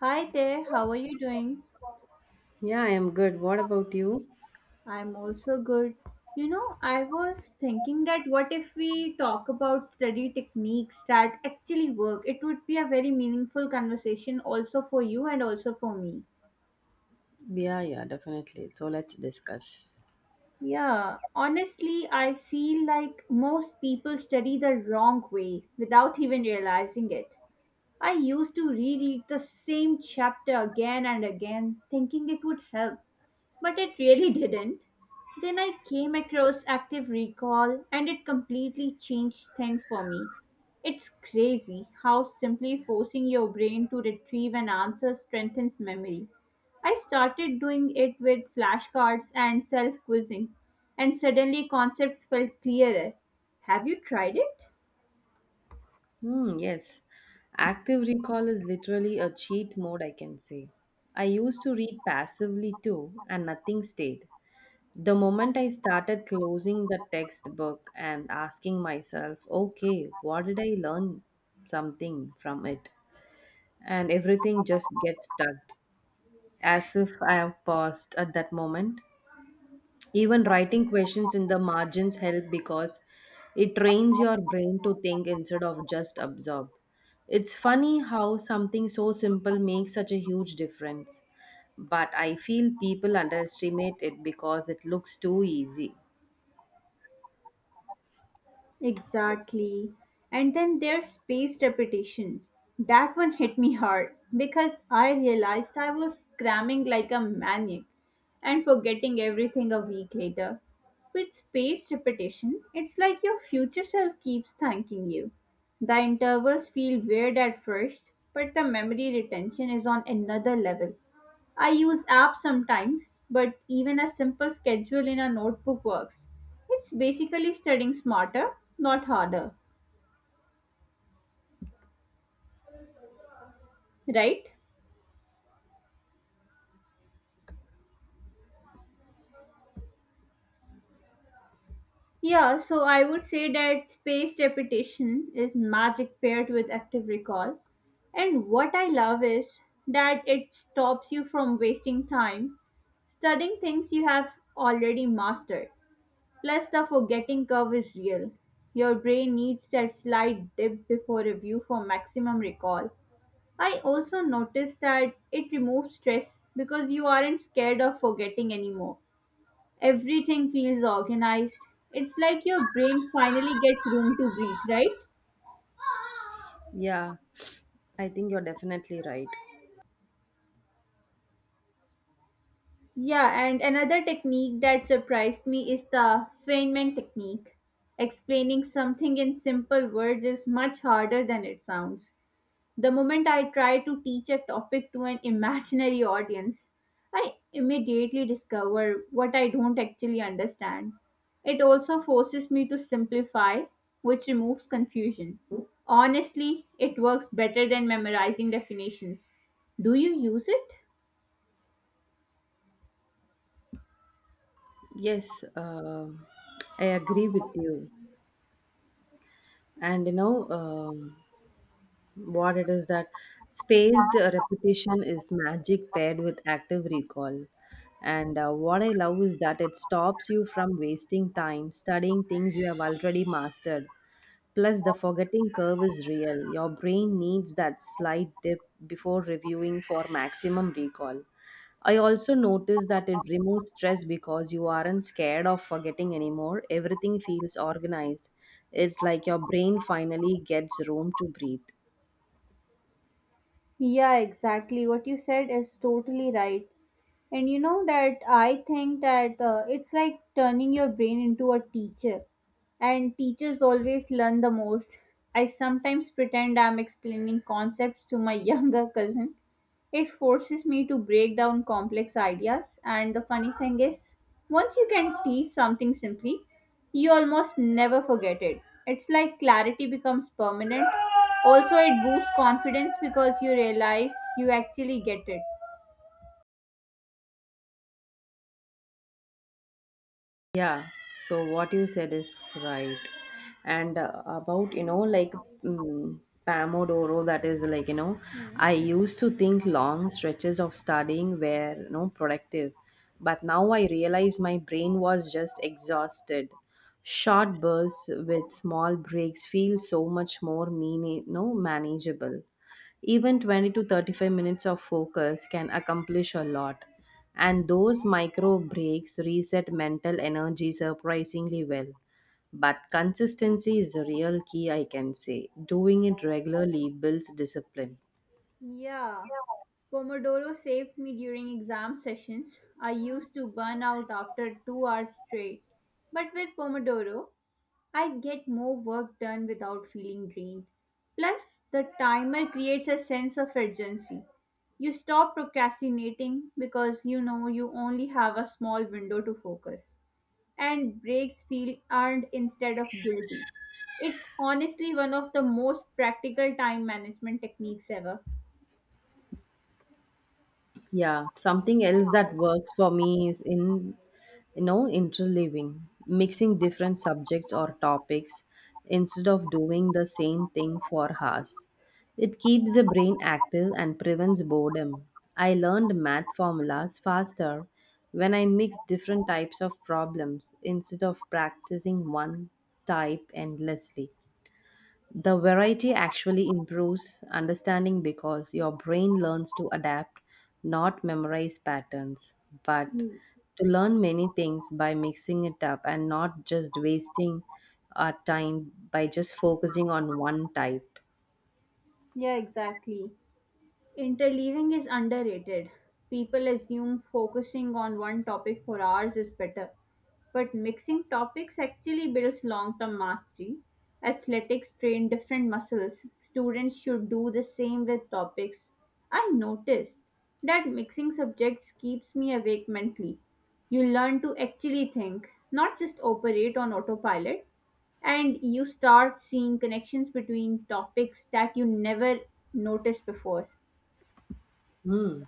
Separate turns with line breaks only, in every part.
Hi there, how are you doing?
Yeah, I am good. What about you?
I'm also good. You know, I was thinking that what if we talk about study techniques that actually work? It would be a very meaningful conversation also for you and also for me.
Yeah, yeah, definitely. So let's discuss.
Yeah, honestly, I feel like most people study the wrong way without even realizing it. I used to reread the same chapter again and again, thinking it would help, but it really didn't. Then I came across active recall and it completely changed things for me. It's crazy how simply forcing your brain to retrieve an answer strengthens memory. I started doing it with flashcards and self quizzing, and suddenly concepts felt clearer. Have you tried it?
Hmm, yes. Active recall is literally a cheat mode, I can say. I used to read passively too, and nothing stayed. The moment I started closing the textbook and asking myself, okay, what did I learn something from it? And everything just gets stuck, as if I have paused at that moment. Even writing questions in the margins help because it trains your brain to think instead of just absorb. It's funny how something so simple makes such a huge difference. But I feel people underestimate it because it looks too easy.
Exactly. And then there's spaced repetition. That one hit me hard because I realized I was cramming like a maniac and forgetting everything a week later. With spaced repetition, it's like your future self keeps thanking you. The intervals feel weird at first, but the memory retention is on another level. I use apps sometimes, but even a simple schedule in a notebook works. It's basically studying smarter, not harder, right? Yeah, so I would say that spaced repetition is magic paired with active recall. And what I love is that it stops you from wasting time studying things you have already mastered. Plus, the forgetting curve is real. Your brain needs that slight dip before review for maximum recall. I also noticed that it removes stress because you aren't scared of forgetting anymore. Everything feels organized. It's like your brain finally gets room to breathe, right?
Yeah, I think you're definitely right.
Yeah, and another technique that surprised me is the Feynman technique. Explaining something in simple words is much harder than it sounds. The moment I try to teach a topic to an imaginary audience, I immediately discover what I don't actually understand. It also forces me to simplify, which removes confusion. Honestly, it works better than memorizing definitions. Do you use it?
Yes, I agree with you. And what it is that spaced repetition is magic paired with active recall, and what I love is that it stops you from wasting time studying things you have already mastered. Plus, the forgetting curve is real. Your brain needs that slight dip before reviewing for maximum recall. I also noticed that it removes stress because you aren't scared of forgetting anymore. Everything feels organized. It's like your brain finally gets room to breathe.
Yeah, exactly. What you said is totally right. And you know that I think that it's like turning your brain into a teacher. And teachers always learn the most. I sometimes pretend I'm explaining concepts to my younger cousin. It forces me to break down complex ideas. And the funny thing is, once you can teach something simply, you almost never forget it. It's like clarity becomes permanent. Also, it boosts confidence because you realize you actually get it.
Yeah, so what you said is right. And about, you know, like mm Pomodoro, that is
Hmm.
I used to think long stretches of studying were, productive. But now I realize my brain was just exhausted. Short bursts with small breaks feel so much more meaning, no, manageable. Even 20 to 35 minutes of focus can accomplish a lot. And those micro breaks reset mental energy surprisingly well. But consistency is the real key, I can say. Doing it regularly builds discipline.
Yeah, Pomodoro saved me during exam sessions. I used to burn out after 2 hours straight. But with Pomodoro, I get more work done without feeling drained. Plus, the timer creates a sense of urgency. You stop procrastinating because you know you only have a small window to focus. And breaks feel earned instead of guilty. It's honestly one of the most practical time management techniques ever.
Yeah, something else that works for me is in interleaving, mixing different subjects or topics instead of doing the same thing for hours. It keeps the brain active and prevents boredom. I learned math formulas faster when I mix different types of problems instead of practicing one type endlessly. The variety actually improves understanding because your brain learns to adapt, not memorize patterns, but to learn many things by mixing it up and not just wasting our time by just focusing on one type.
Yeah, exactly. Interleaving is underrated. People assume focusing on one topic for hours is better, but mixing topics actually builds long term mastery. Athletics train different muscles. Students should do the same with topics. I noticed that mixing subjects keeps me awake mentally. You learn to actually think, not just operate on autopilot, and you start seeing connections between topics that you never noticed before.
Hmm.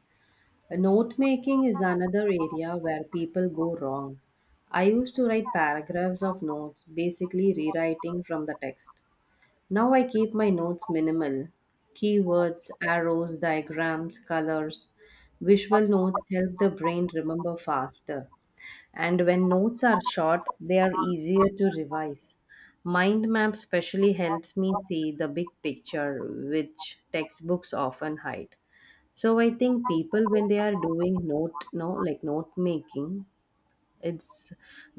Note making is another area where people go wrong. I used to write paragraphs of notes, basically rewriting from the text. Now I keep my notes minimal. Keywords, arrows, diagrams, colors. Visual notes help the brain remember faster. And when notes are short, they are easier to revise. Mind map specially helps me see the big picture, which textbooks often hide. So I think people when they are doing note, no, like note making, it's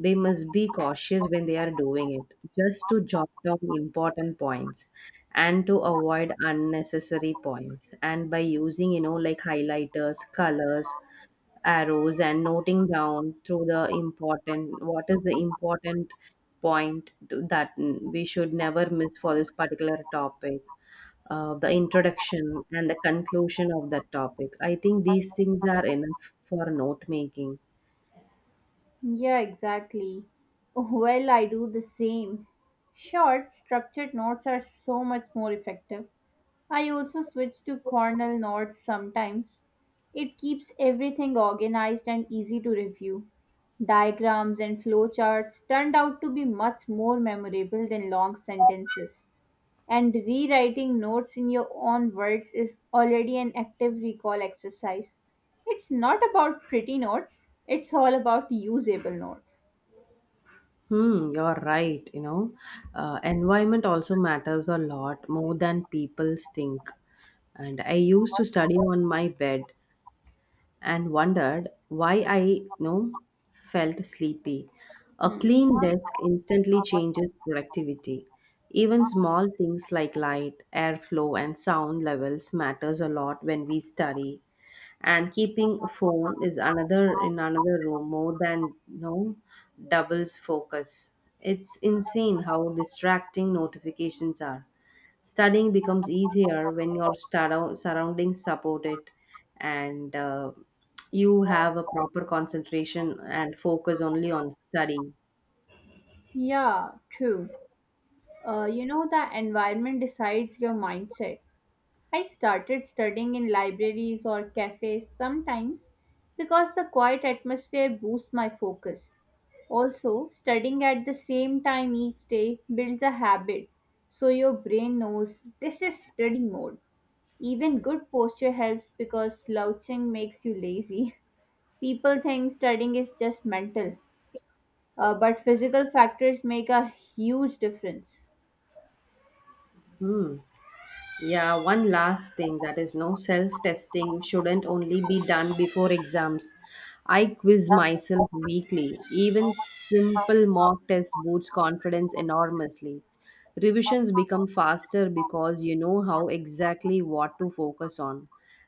they must be cautious when they are doing it, just to jot down important points and to avoid unnecessary points. And by using, highlighters, colors, arrows, and noting down through the important what is the important that we should never miss for this particular topic, the introduction and the conclusion of that topic. I think these things are enough for note making.
Yeah, exactly. Well, I do the same. Short, structured notes are so much more effective. I also switch to Cornell notes sometimes. It keeps everything organized and easy to review. Diagrams and flowcharts turned out to be much more memorable than long sentences. And rewriting notes in your own words is already an active recall exercise. It's not about pretty notes, it's all about usable notes.
Hmm, you're right, you know. Environment also matters a lot more than people think. And I used to study on my bed and wondered why I, felt sleepy. A
Hmm.
clean desk instantly changes productivity. Even small things like light, airflow, and sound levels matters a lot when we study, and keeping a phone is another in another room more than no doubles focus. It's insane how distracting notifications are. Studying becomes easier when your surroundings support it, and you have a proper concentration and focus only on studying.
Yeah, true. You know, the environment decides your mindset. I started studying in libraries or cafes sometimes because the quiet atmosphere boosts my focus. Also, studying at the same time each day builds a habit so your brain knows this is study mode. Even good posture helps because slouching makes you lazy. People think studying is just mental, but physical factors make a huge difference.
Hmm. Yeah, one last thing that is no self testing shouldn't only be done before exams. I quiz myself weekly. Even simple mock test boosts confidence enormously. Revisions become faster because you know how exactly what to focus on,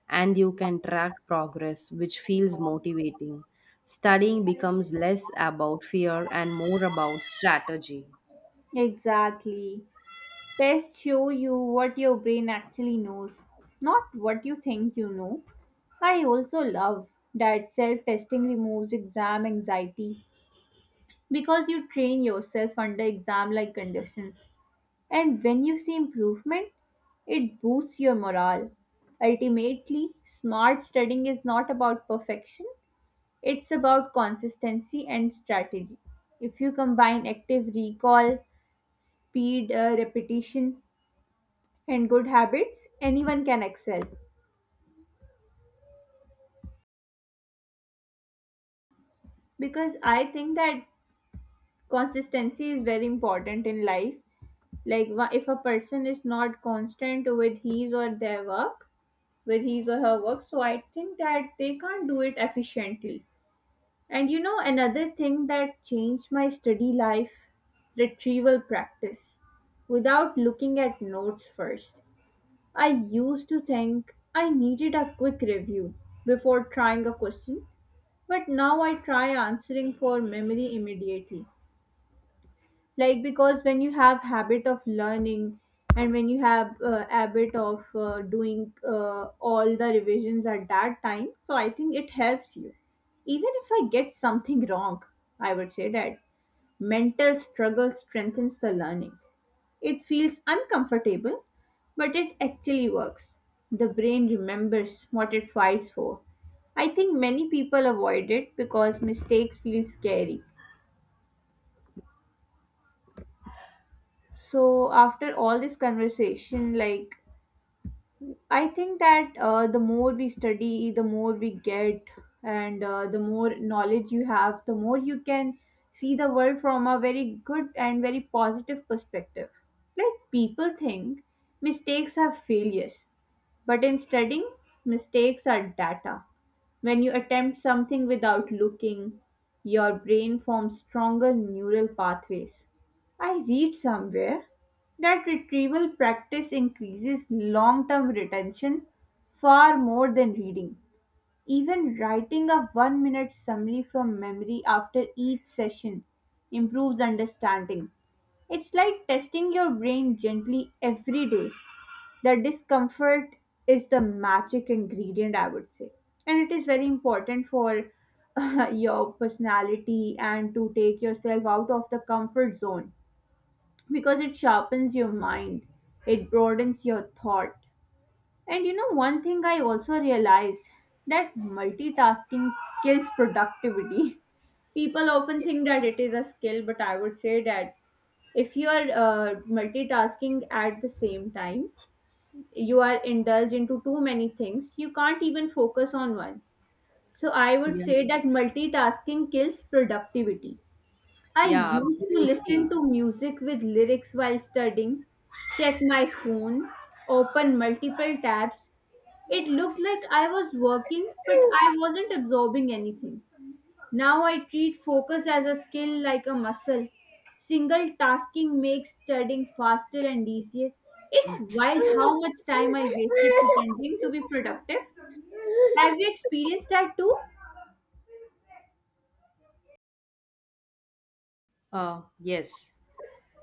and you can track progress, which feels motivating. Studying becomes less about fear and more about strategy.
Exactly. Tests show you what your brain actually knows, not what you think you know. I also love that self testing removes exam anxiety because you train yourself under exam like conditions. And when you see improvement, it boosts your morale. Ultimately, smart studying is not about perfection, it's about consistency and strategy. If you combine active recall, speed, repetition, and good habits, anyone can excel. Because I think that consistency is very important in life. Like, if a person is not constant with his or their work, with his or her work, so I think that they can't do it efficiently. And you know, another thing that changed my study life, retrieval practice without looking at notes first. I used to think I needed a quick review before trying a question, but now I try answering for memory immediately. Like because when you have habit of learning and when you have habit of doing all the revisions at that time, so I think it helps you. Even if I get something wrong, I would say that mental struggle strengthens the learning. It feels uncomfortable, but it actually works. The brain remembers what it fights for. I think many people avoid it because mistakes feel scary. So, after all this conversation, like, I think that the more we study, the more we get, and the more knowledge you have, the more you can see the world from a very good and very positive perspective. Like, people think mistakes are failures, but in studying, mistakes are data. When you attempt something without looking, your brain forms stronger neural pathways. I read somewhere that retrieval practice increases long term retention far more than reading. Even writing a one minute summary from memory after each session improves understanding. It's like testing your brain gently every day, the discomfort is the magic ingredient, I would say. And it is very important for your personality and to take yourself out of the comfort zone because it sharpens your mind, it broadens your thought. And you know, one thing I also realized that multitasking kills productivity. People often think that it is a skill, but I would say that if you are multitasking at the same time, you are indulged into too many things, you can't even focus on one. So I would
Yeah,
say that multitasking kills productivity. I
yeah,
used to listen
absolutely.
to music with lyrics while studying, check my phone, open multiple tabs. It looked like I was working, but I wasn't absorbing anything. Now I treat focus as a skill like a muscle. Single tasking makes studying faster and easier. It's wild how much time I wasted pretending to be productive. Have you experienced that too?
Yes.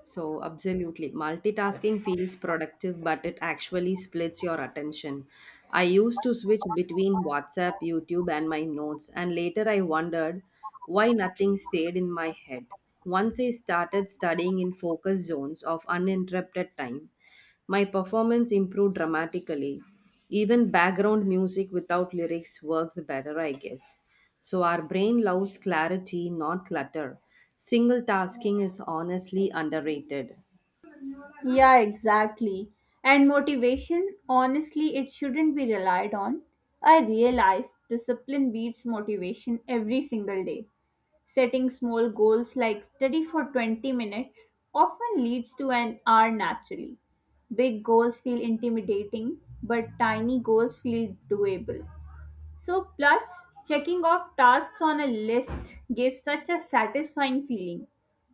So, absolutely. Multitasking feels productive, but it actually splits your attention. I used to switch between WhatsApp, YouTube, and my notes, and later I wondered why nothing stayed in my head. Once I started studying in focus zones of uninterrupted time, my performance improved dramatically. Even background music without lyrics works better, I guess. So our brain loves clarity, not clutter. Single tasking is honestly underrated.
Yeah, exactly. And motivation, honestly, it shouldn't be relied on. I realize discipline beats motivation every single day. Setting small goals like study for 20 minutes often leads to an hour naturally. Big goals feel intimidating, but tiny goals feel doable. So, plus, checking off tasks on a list gives such a satisfying feeling.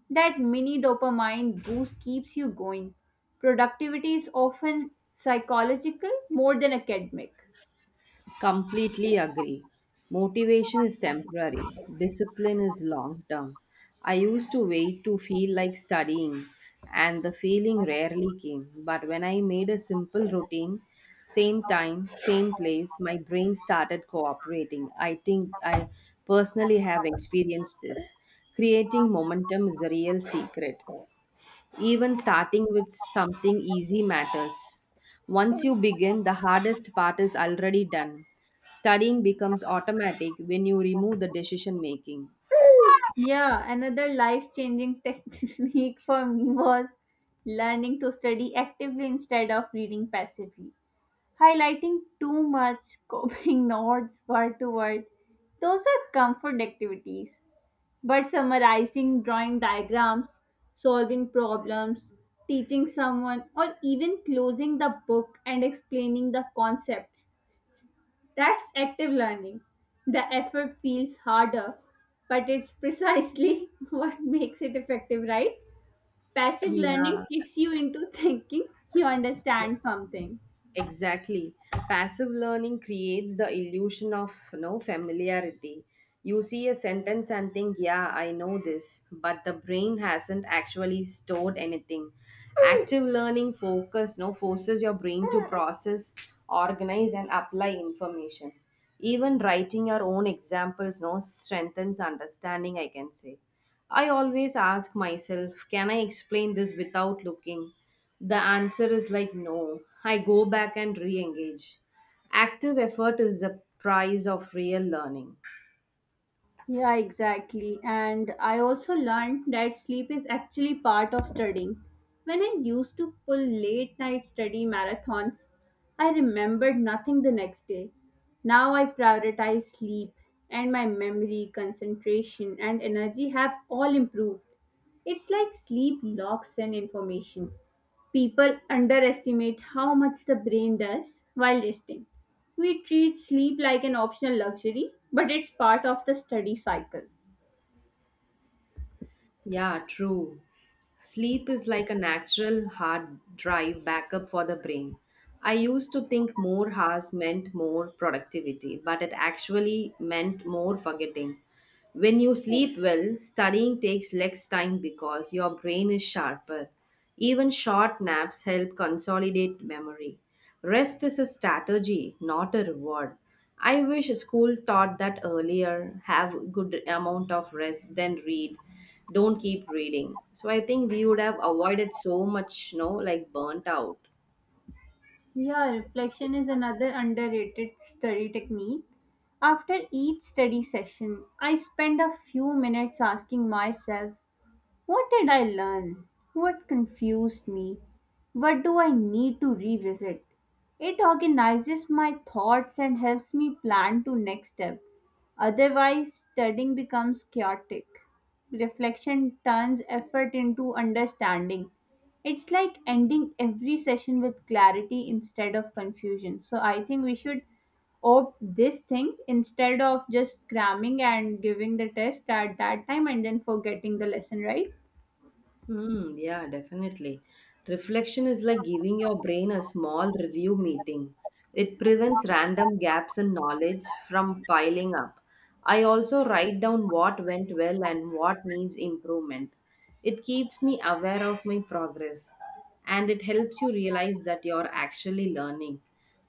That mini dopamine boost keeps you going. Productivity is often psychological more than academic.
Completely agree. Motivation is temporary, discipline is long term. I used to wait to feel like studying, and the feeling rarely came. But when I made a simple routine, same time, same place, my brain started cooperating. I think I personally have experienced this. Creating momentum is the real secret. Even starting with something easy matters. Once you begin, the hardest part is already done. Studying becomes automatic when you remove the decision making.
Yeah, another life changing technique for me was learning to study actively instead of reading passively. Highlighting too much, copying notes word to word, those are comfort activities. But summarizing, drawing diagrams, solving problems, teaching someone, or even closing the book and explaining the concept, that's active learning. The effort feels harder, but it's precisely what makes it effective, right? Passive learning
Yeah,
kicks you into thinking you understand something.
exactly. Passive learning creates the illusion of no familiarity. You see a sentence and think, yeah, I know this, but the brain hasn't actually stored anything. Active learning focus no forces your brain to process, organize and apply information. Even writing your own examples no strengthens understanding, I can say. I always ask myself, can I explain this without looking? The answer is like no. I go back and re engage. Active effort is the price of real learning.
Yeah, exactly. And I also learned that sleep is actually part of studying. When I used to pull late night study marathons, I remembered nothing the next day. Now I prioritize sleep, and my memory, concentration, and energy have all improved. It's like sleep locks in information. People underestimate how much the brain does while resting. We treat sleep like an optional luxury, but it's part of the study cycle.
Yeah, true. Sleep is like a natural hard drive backup for the brain. I used to think more hours meant more productivity, but it actually meant more forgetting. When you sleep well, studying takes less time because your brain is sharper. Even short naps help consolidate memory. Rest is a strategy, not a reward. I wish school taught that earlier. Have good amount of rest, then read. Don't keep reading. So I think we would have avoided so much, burnt out.
Yeah, reflection is another underrated study technique. After each study session, I spend a few minutes asking myself, what did I learn? What confused me? What do I need to revisit? It organizes my thoughts and helps me plan to next step. Otherwise, studying becomes chaotic. Reflection turns effort into understanding. It's like ending every session with clarity instead of confusion. So I think we should opt this thing instead of just cramming and giving the test at that time and then forgetting the lesson, right?
Hmm, yeah, definitely. Reflection is like giving your brain a small review meeting. It prevents random gaps in knowledge from piling up. I also write down what went well and what needs improvement. It keeps me aware of my progress, and it helps you realize that you're actually learning,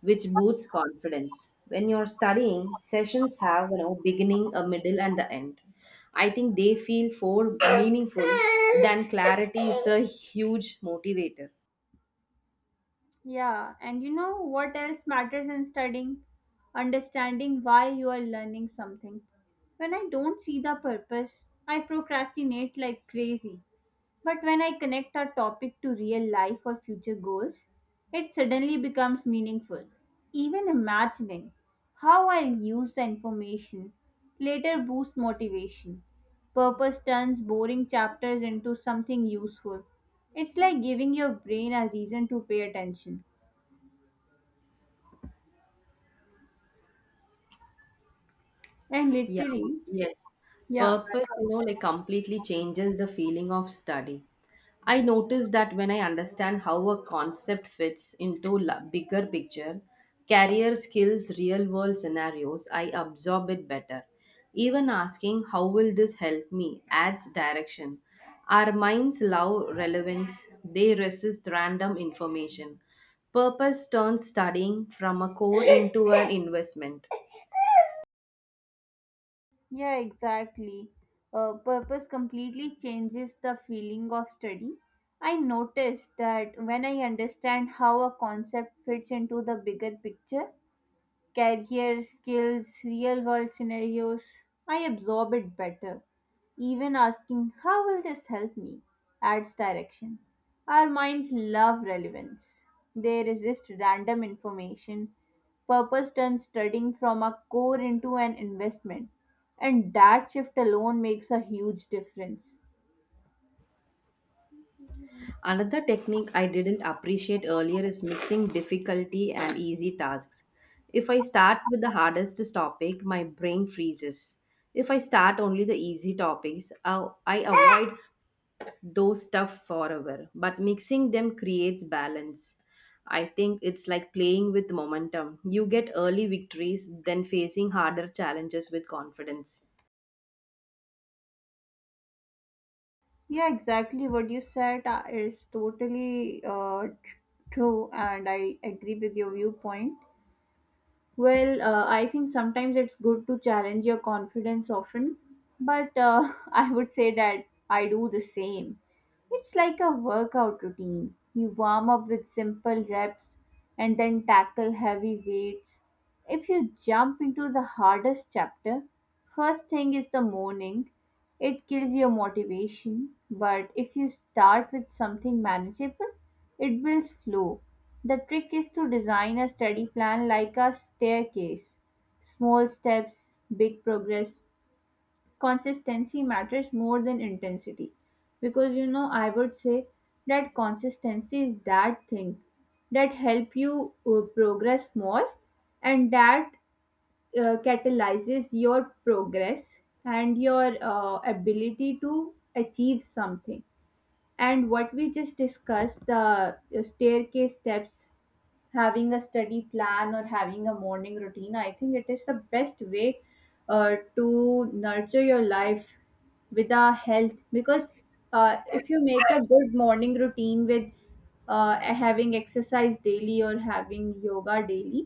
which boosts confidence. When you're studying, sessions have beginning, a middle, and the end. I think they feel more meaningful than clarity is a huge motivator.
Yeah, and you know what else matters in studying? Understanding why you are learning something. When I don't see the purpose, I procrastinate like crazy. But when I connect a topic to real life or future goals, it suddenly becomes meaningful. Even imagining how I'll use the information later boosts motivation. Purpose turns boring chapters into something useful. It's like giving your brain a reason to pay attention. And
Yeah,
literally,
yes.
yeah,
Purpose, completely changes the feeling of study. I notice that when I understand how a concept fits into bigger picture, career skills, real world scenarios, I absorb it better. Even asking how will this help me adds direction. Our minds love relevance, they resist random information. Purpose turns studying from a core into an investment.
Yeah, exactly. Purpose completely changes the feeling of study. I noticed that when I understand how a concept fits into the bigger picture, career skills, real world scenarios, I absorb it better. Even asking, "How will this help me?" adds direction. Our minds love relevance, they resist random information. Purpose turns studying from a core into an investment, and that shift alone makes a huge difference.
Another technique I didn't appreciate earlier is mixing difficulty and easy tasks. If I start with the hardest topic, my brain freezes. If I start only the easy topics, I avoid those stuff forever. But mixing them creates balance. I think it's like playing with momentum. You get early victories, then facing harder challenges with confidence.
Yeah, exactly what you said is totally true, and I agree with your viewpoint. Well, I think sometimes it's good to challenge your confidence often, but I would say that I do the same. It's like a workout routine. You warm up with simple reps and then tackle heavy weights. If you jump into the hardest chapter, first thing is the morning. It kills your motivation, but if you start with something manageable, it builds flow. The trick is to design a study plan like a staircase. Small steps, big progress. Consistency matters more than intensity. Because you know, I would say that consistency is that thing that help you progress more and that catalyzes your progress and your ability to achieve something, and what we just discussed, the staircase steps, having a study plan or having a morning routine, I think it is the best way to nurture your life with our health, because if you make a good morning routine with having exercise daily or having yoga daily,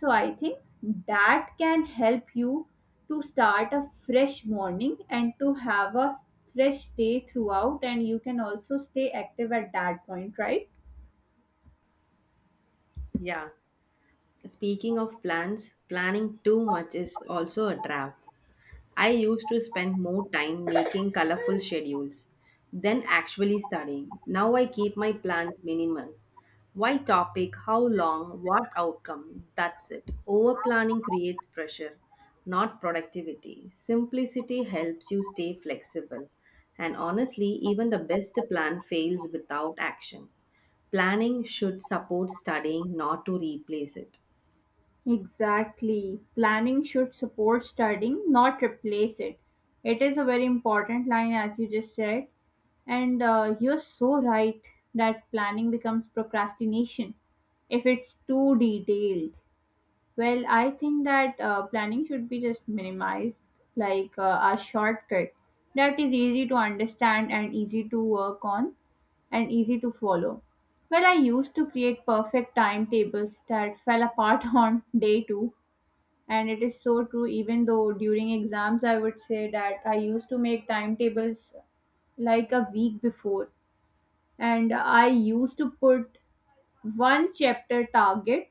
so I think that can help you to start a fresh morning and to have a fresh day throughout, and you can also stay active at that point, right?
Yeah. Speaking of plans, planning too much is also a trap. I used to spend more time making colorful schedules than actually studying. Now I keep my plans minimal. Why topic, how long, what outcome, that's it. Over planning creates pressure, not productivity. Simplicity helps you stay flexible. And honestly, even the best plan fails without action. Planning should support studying, not to replace it.
Exactly. Planning should support studying, not replace it. It is a very important line, as you just said. And you're so right that planning becomes procrastination if it's too detailed. Well, I think that planning should be just minimized, like a shortcut that is easy to understand and easy to work on and easy to follow. Well, I used to create perfect timetables that fell apart on day two, and it is so true. Even though during exams, I would say that I used to make timetables like a week before, and I used to put one chapter target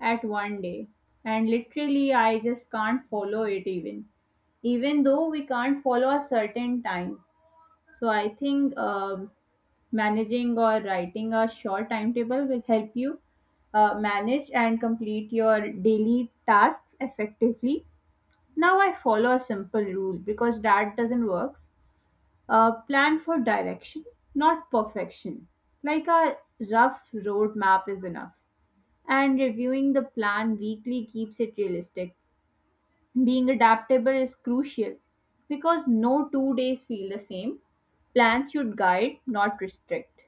at one day, and literally I just can't follow it, even though we can't follow a certain time. So I think managing or writing a short timetable will help you manage and complete your daily tasks effectively. Now I follow a simple rule, because that doesn't work. Plan for direction, not perfection, like a rough road map is enough, and reviewing the plan weekly keeps it realistic. Being adaptable is crucial because no two days feel the same. Plans should guide, not restrict.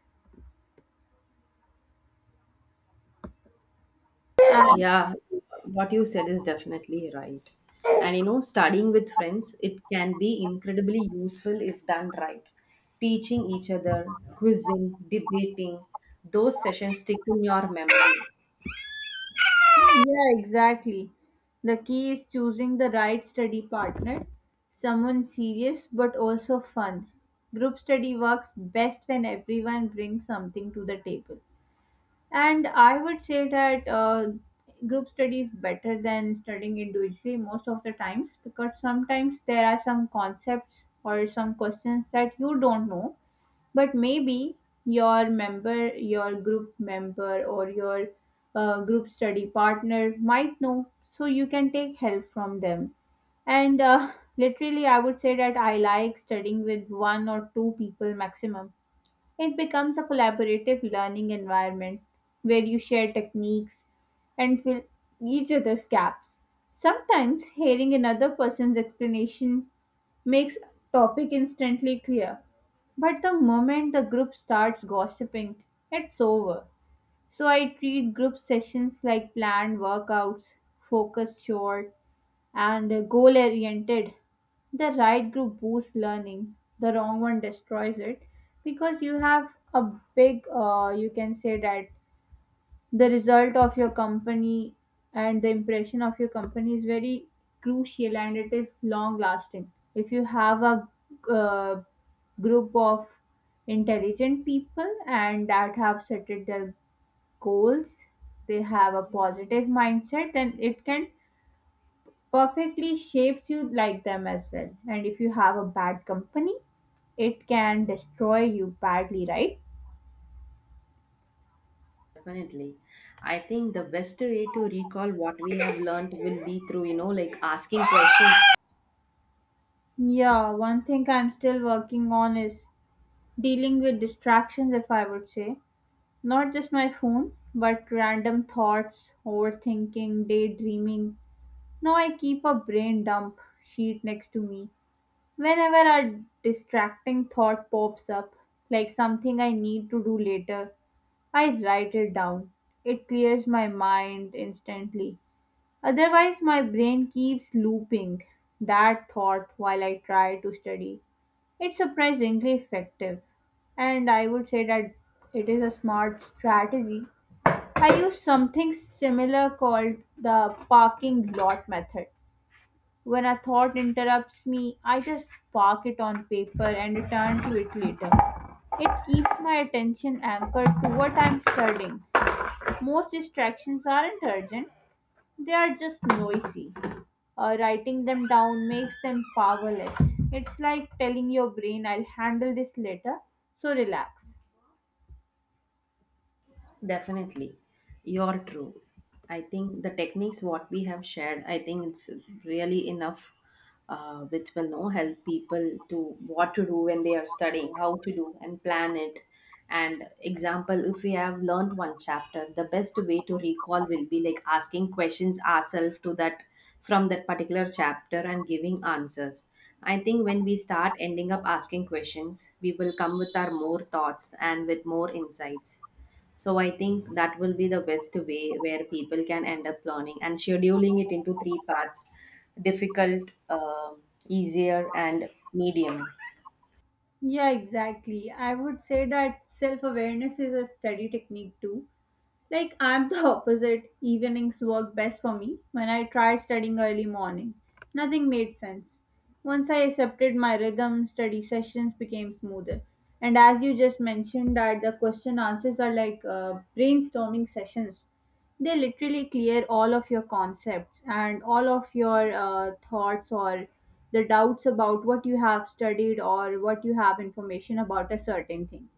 And
Yeah, what you said is definitely right. And you know, studying with friends, it can be incredibly useful if done right. Teaching each other, quizzing, debating, those sessions stick in your memory.
yeah, exactly. The key is choosing the right study partner, someone serious but also fun. Group study works best when everyone brings something to the table. And I would say that group study is better than studying individually most of the times, because sometimes there are some concepts or some questions that you don't know, but maybe your member, your group member, or your group study partner might know, so you can take help from them. And literally, I would say that I like studying with one or two people maximum. It becomes a collaborative learning environment where you share techniques and fill each other's gaps. Sometimes hearing another person's explanation makes a topic instantly clear. But the moment the group starts gossiping, it's over. So I treat group sessions like planned workouts, focus short, and goal oriented. The right group boosts learning, the wrong one destroys it, because you have a big, you can say that the result of your company and the impression of your company is very crucial, and it is long lasting. If you have a uh, group of intelligent people and that have set their goals, they have a positive mindset, then it can perfectly shapes you like them as well. And if you have a bad company, it can destroy you badly, right?
Definitely. I think the best way to recall what we have learned will be through, asking questions.
Yeah, one thing I'm still working on is dealing with distractions, if I would say. Not just my phone, but random thoughts, overthinking, daydreaming. Now I keep a brain dump sheet next to me. Whenever a distracting thought pops up, like something I need to do later, I write it down. It clears my mind instantly. Otherwise, my brain keeps looping that thought while I try to study. It's surprisingly effective, and I would say that it is a smart strategy. I use something similar called the parking lot method. When a thought interrupts me, I just park it on paper and return to it later. It keeps my attention anchored to what I'm studying. Most distractions aren't urgent, they are just noisy. Writing them down makes them powerless. It's like telling your brain, "I'll handle this later, so relax."
Definitely. You're true. I think the techniques what we have shared, I think it's really enough, which will know help people to what to do when they are studying, how to do and plan it. And example, if we have learned one chapter, the best way to recall will be like asking questions ourselves to that from that particular chapter and giving answers. I think when we start ending up asking questions, we will come with our more thoughts and with more insights. So I think that will be the best way where people can end up planning and scheduling it into three parts: difficult, easier, and medium.
Yeah, exactly. I would say that self awareness is a study technique too. Like I'm the opposite. Evenings work best for me. When I tried studying early morning, nothing made sense. Once I accepted my rhythm, study sessions became smoother. And as you just mentioned, that the question answers are like brainstorming sessions. They literally clear all of your concepts and all of your thoughts or the doubts about what you have studied or what you have information about a certain thing.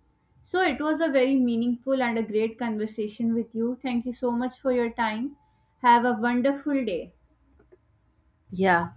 So it was a very meaningful and a great conversation with you. Thank you so much for your time. Have a wonderful day.
Yeah.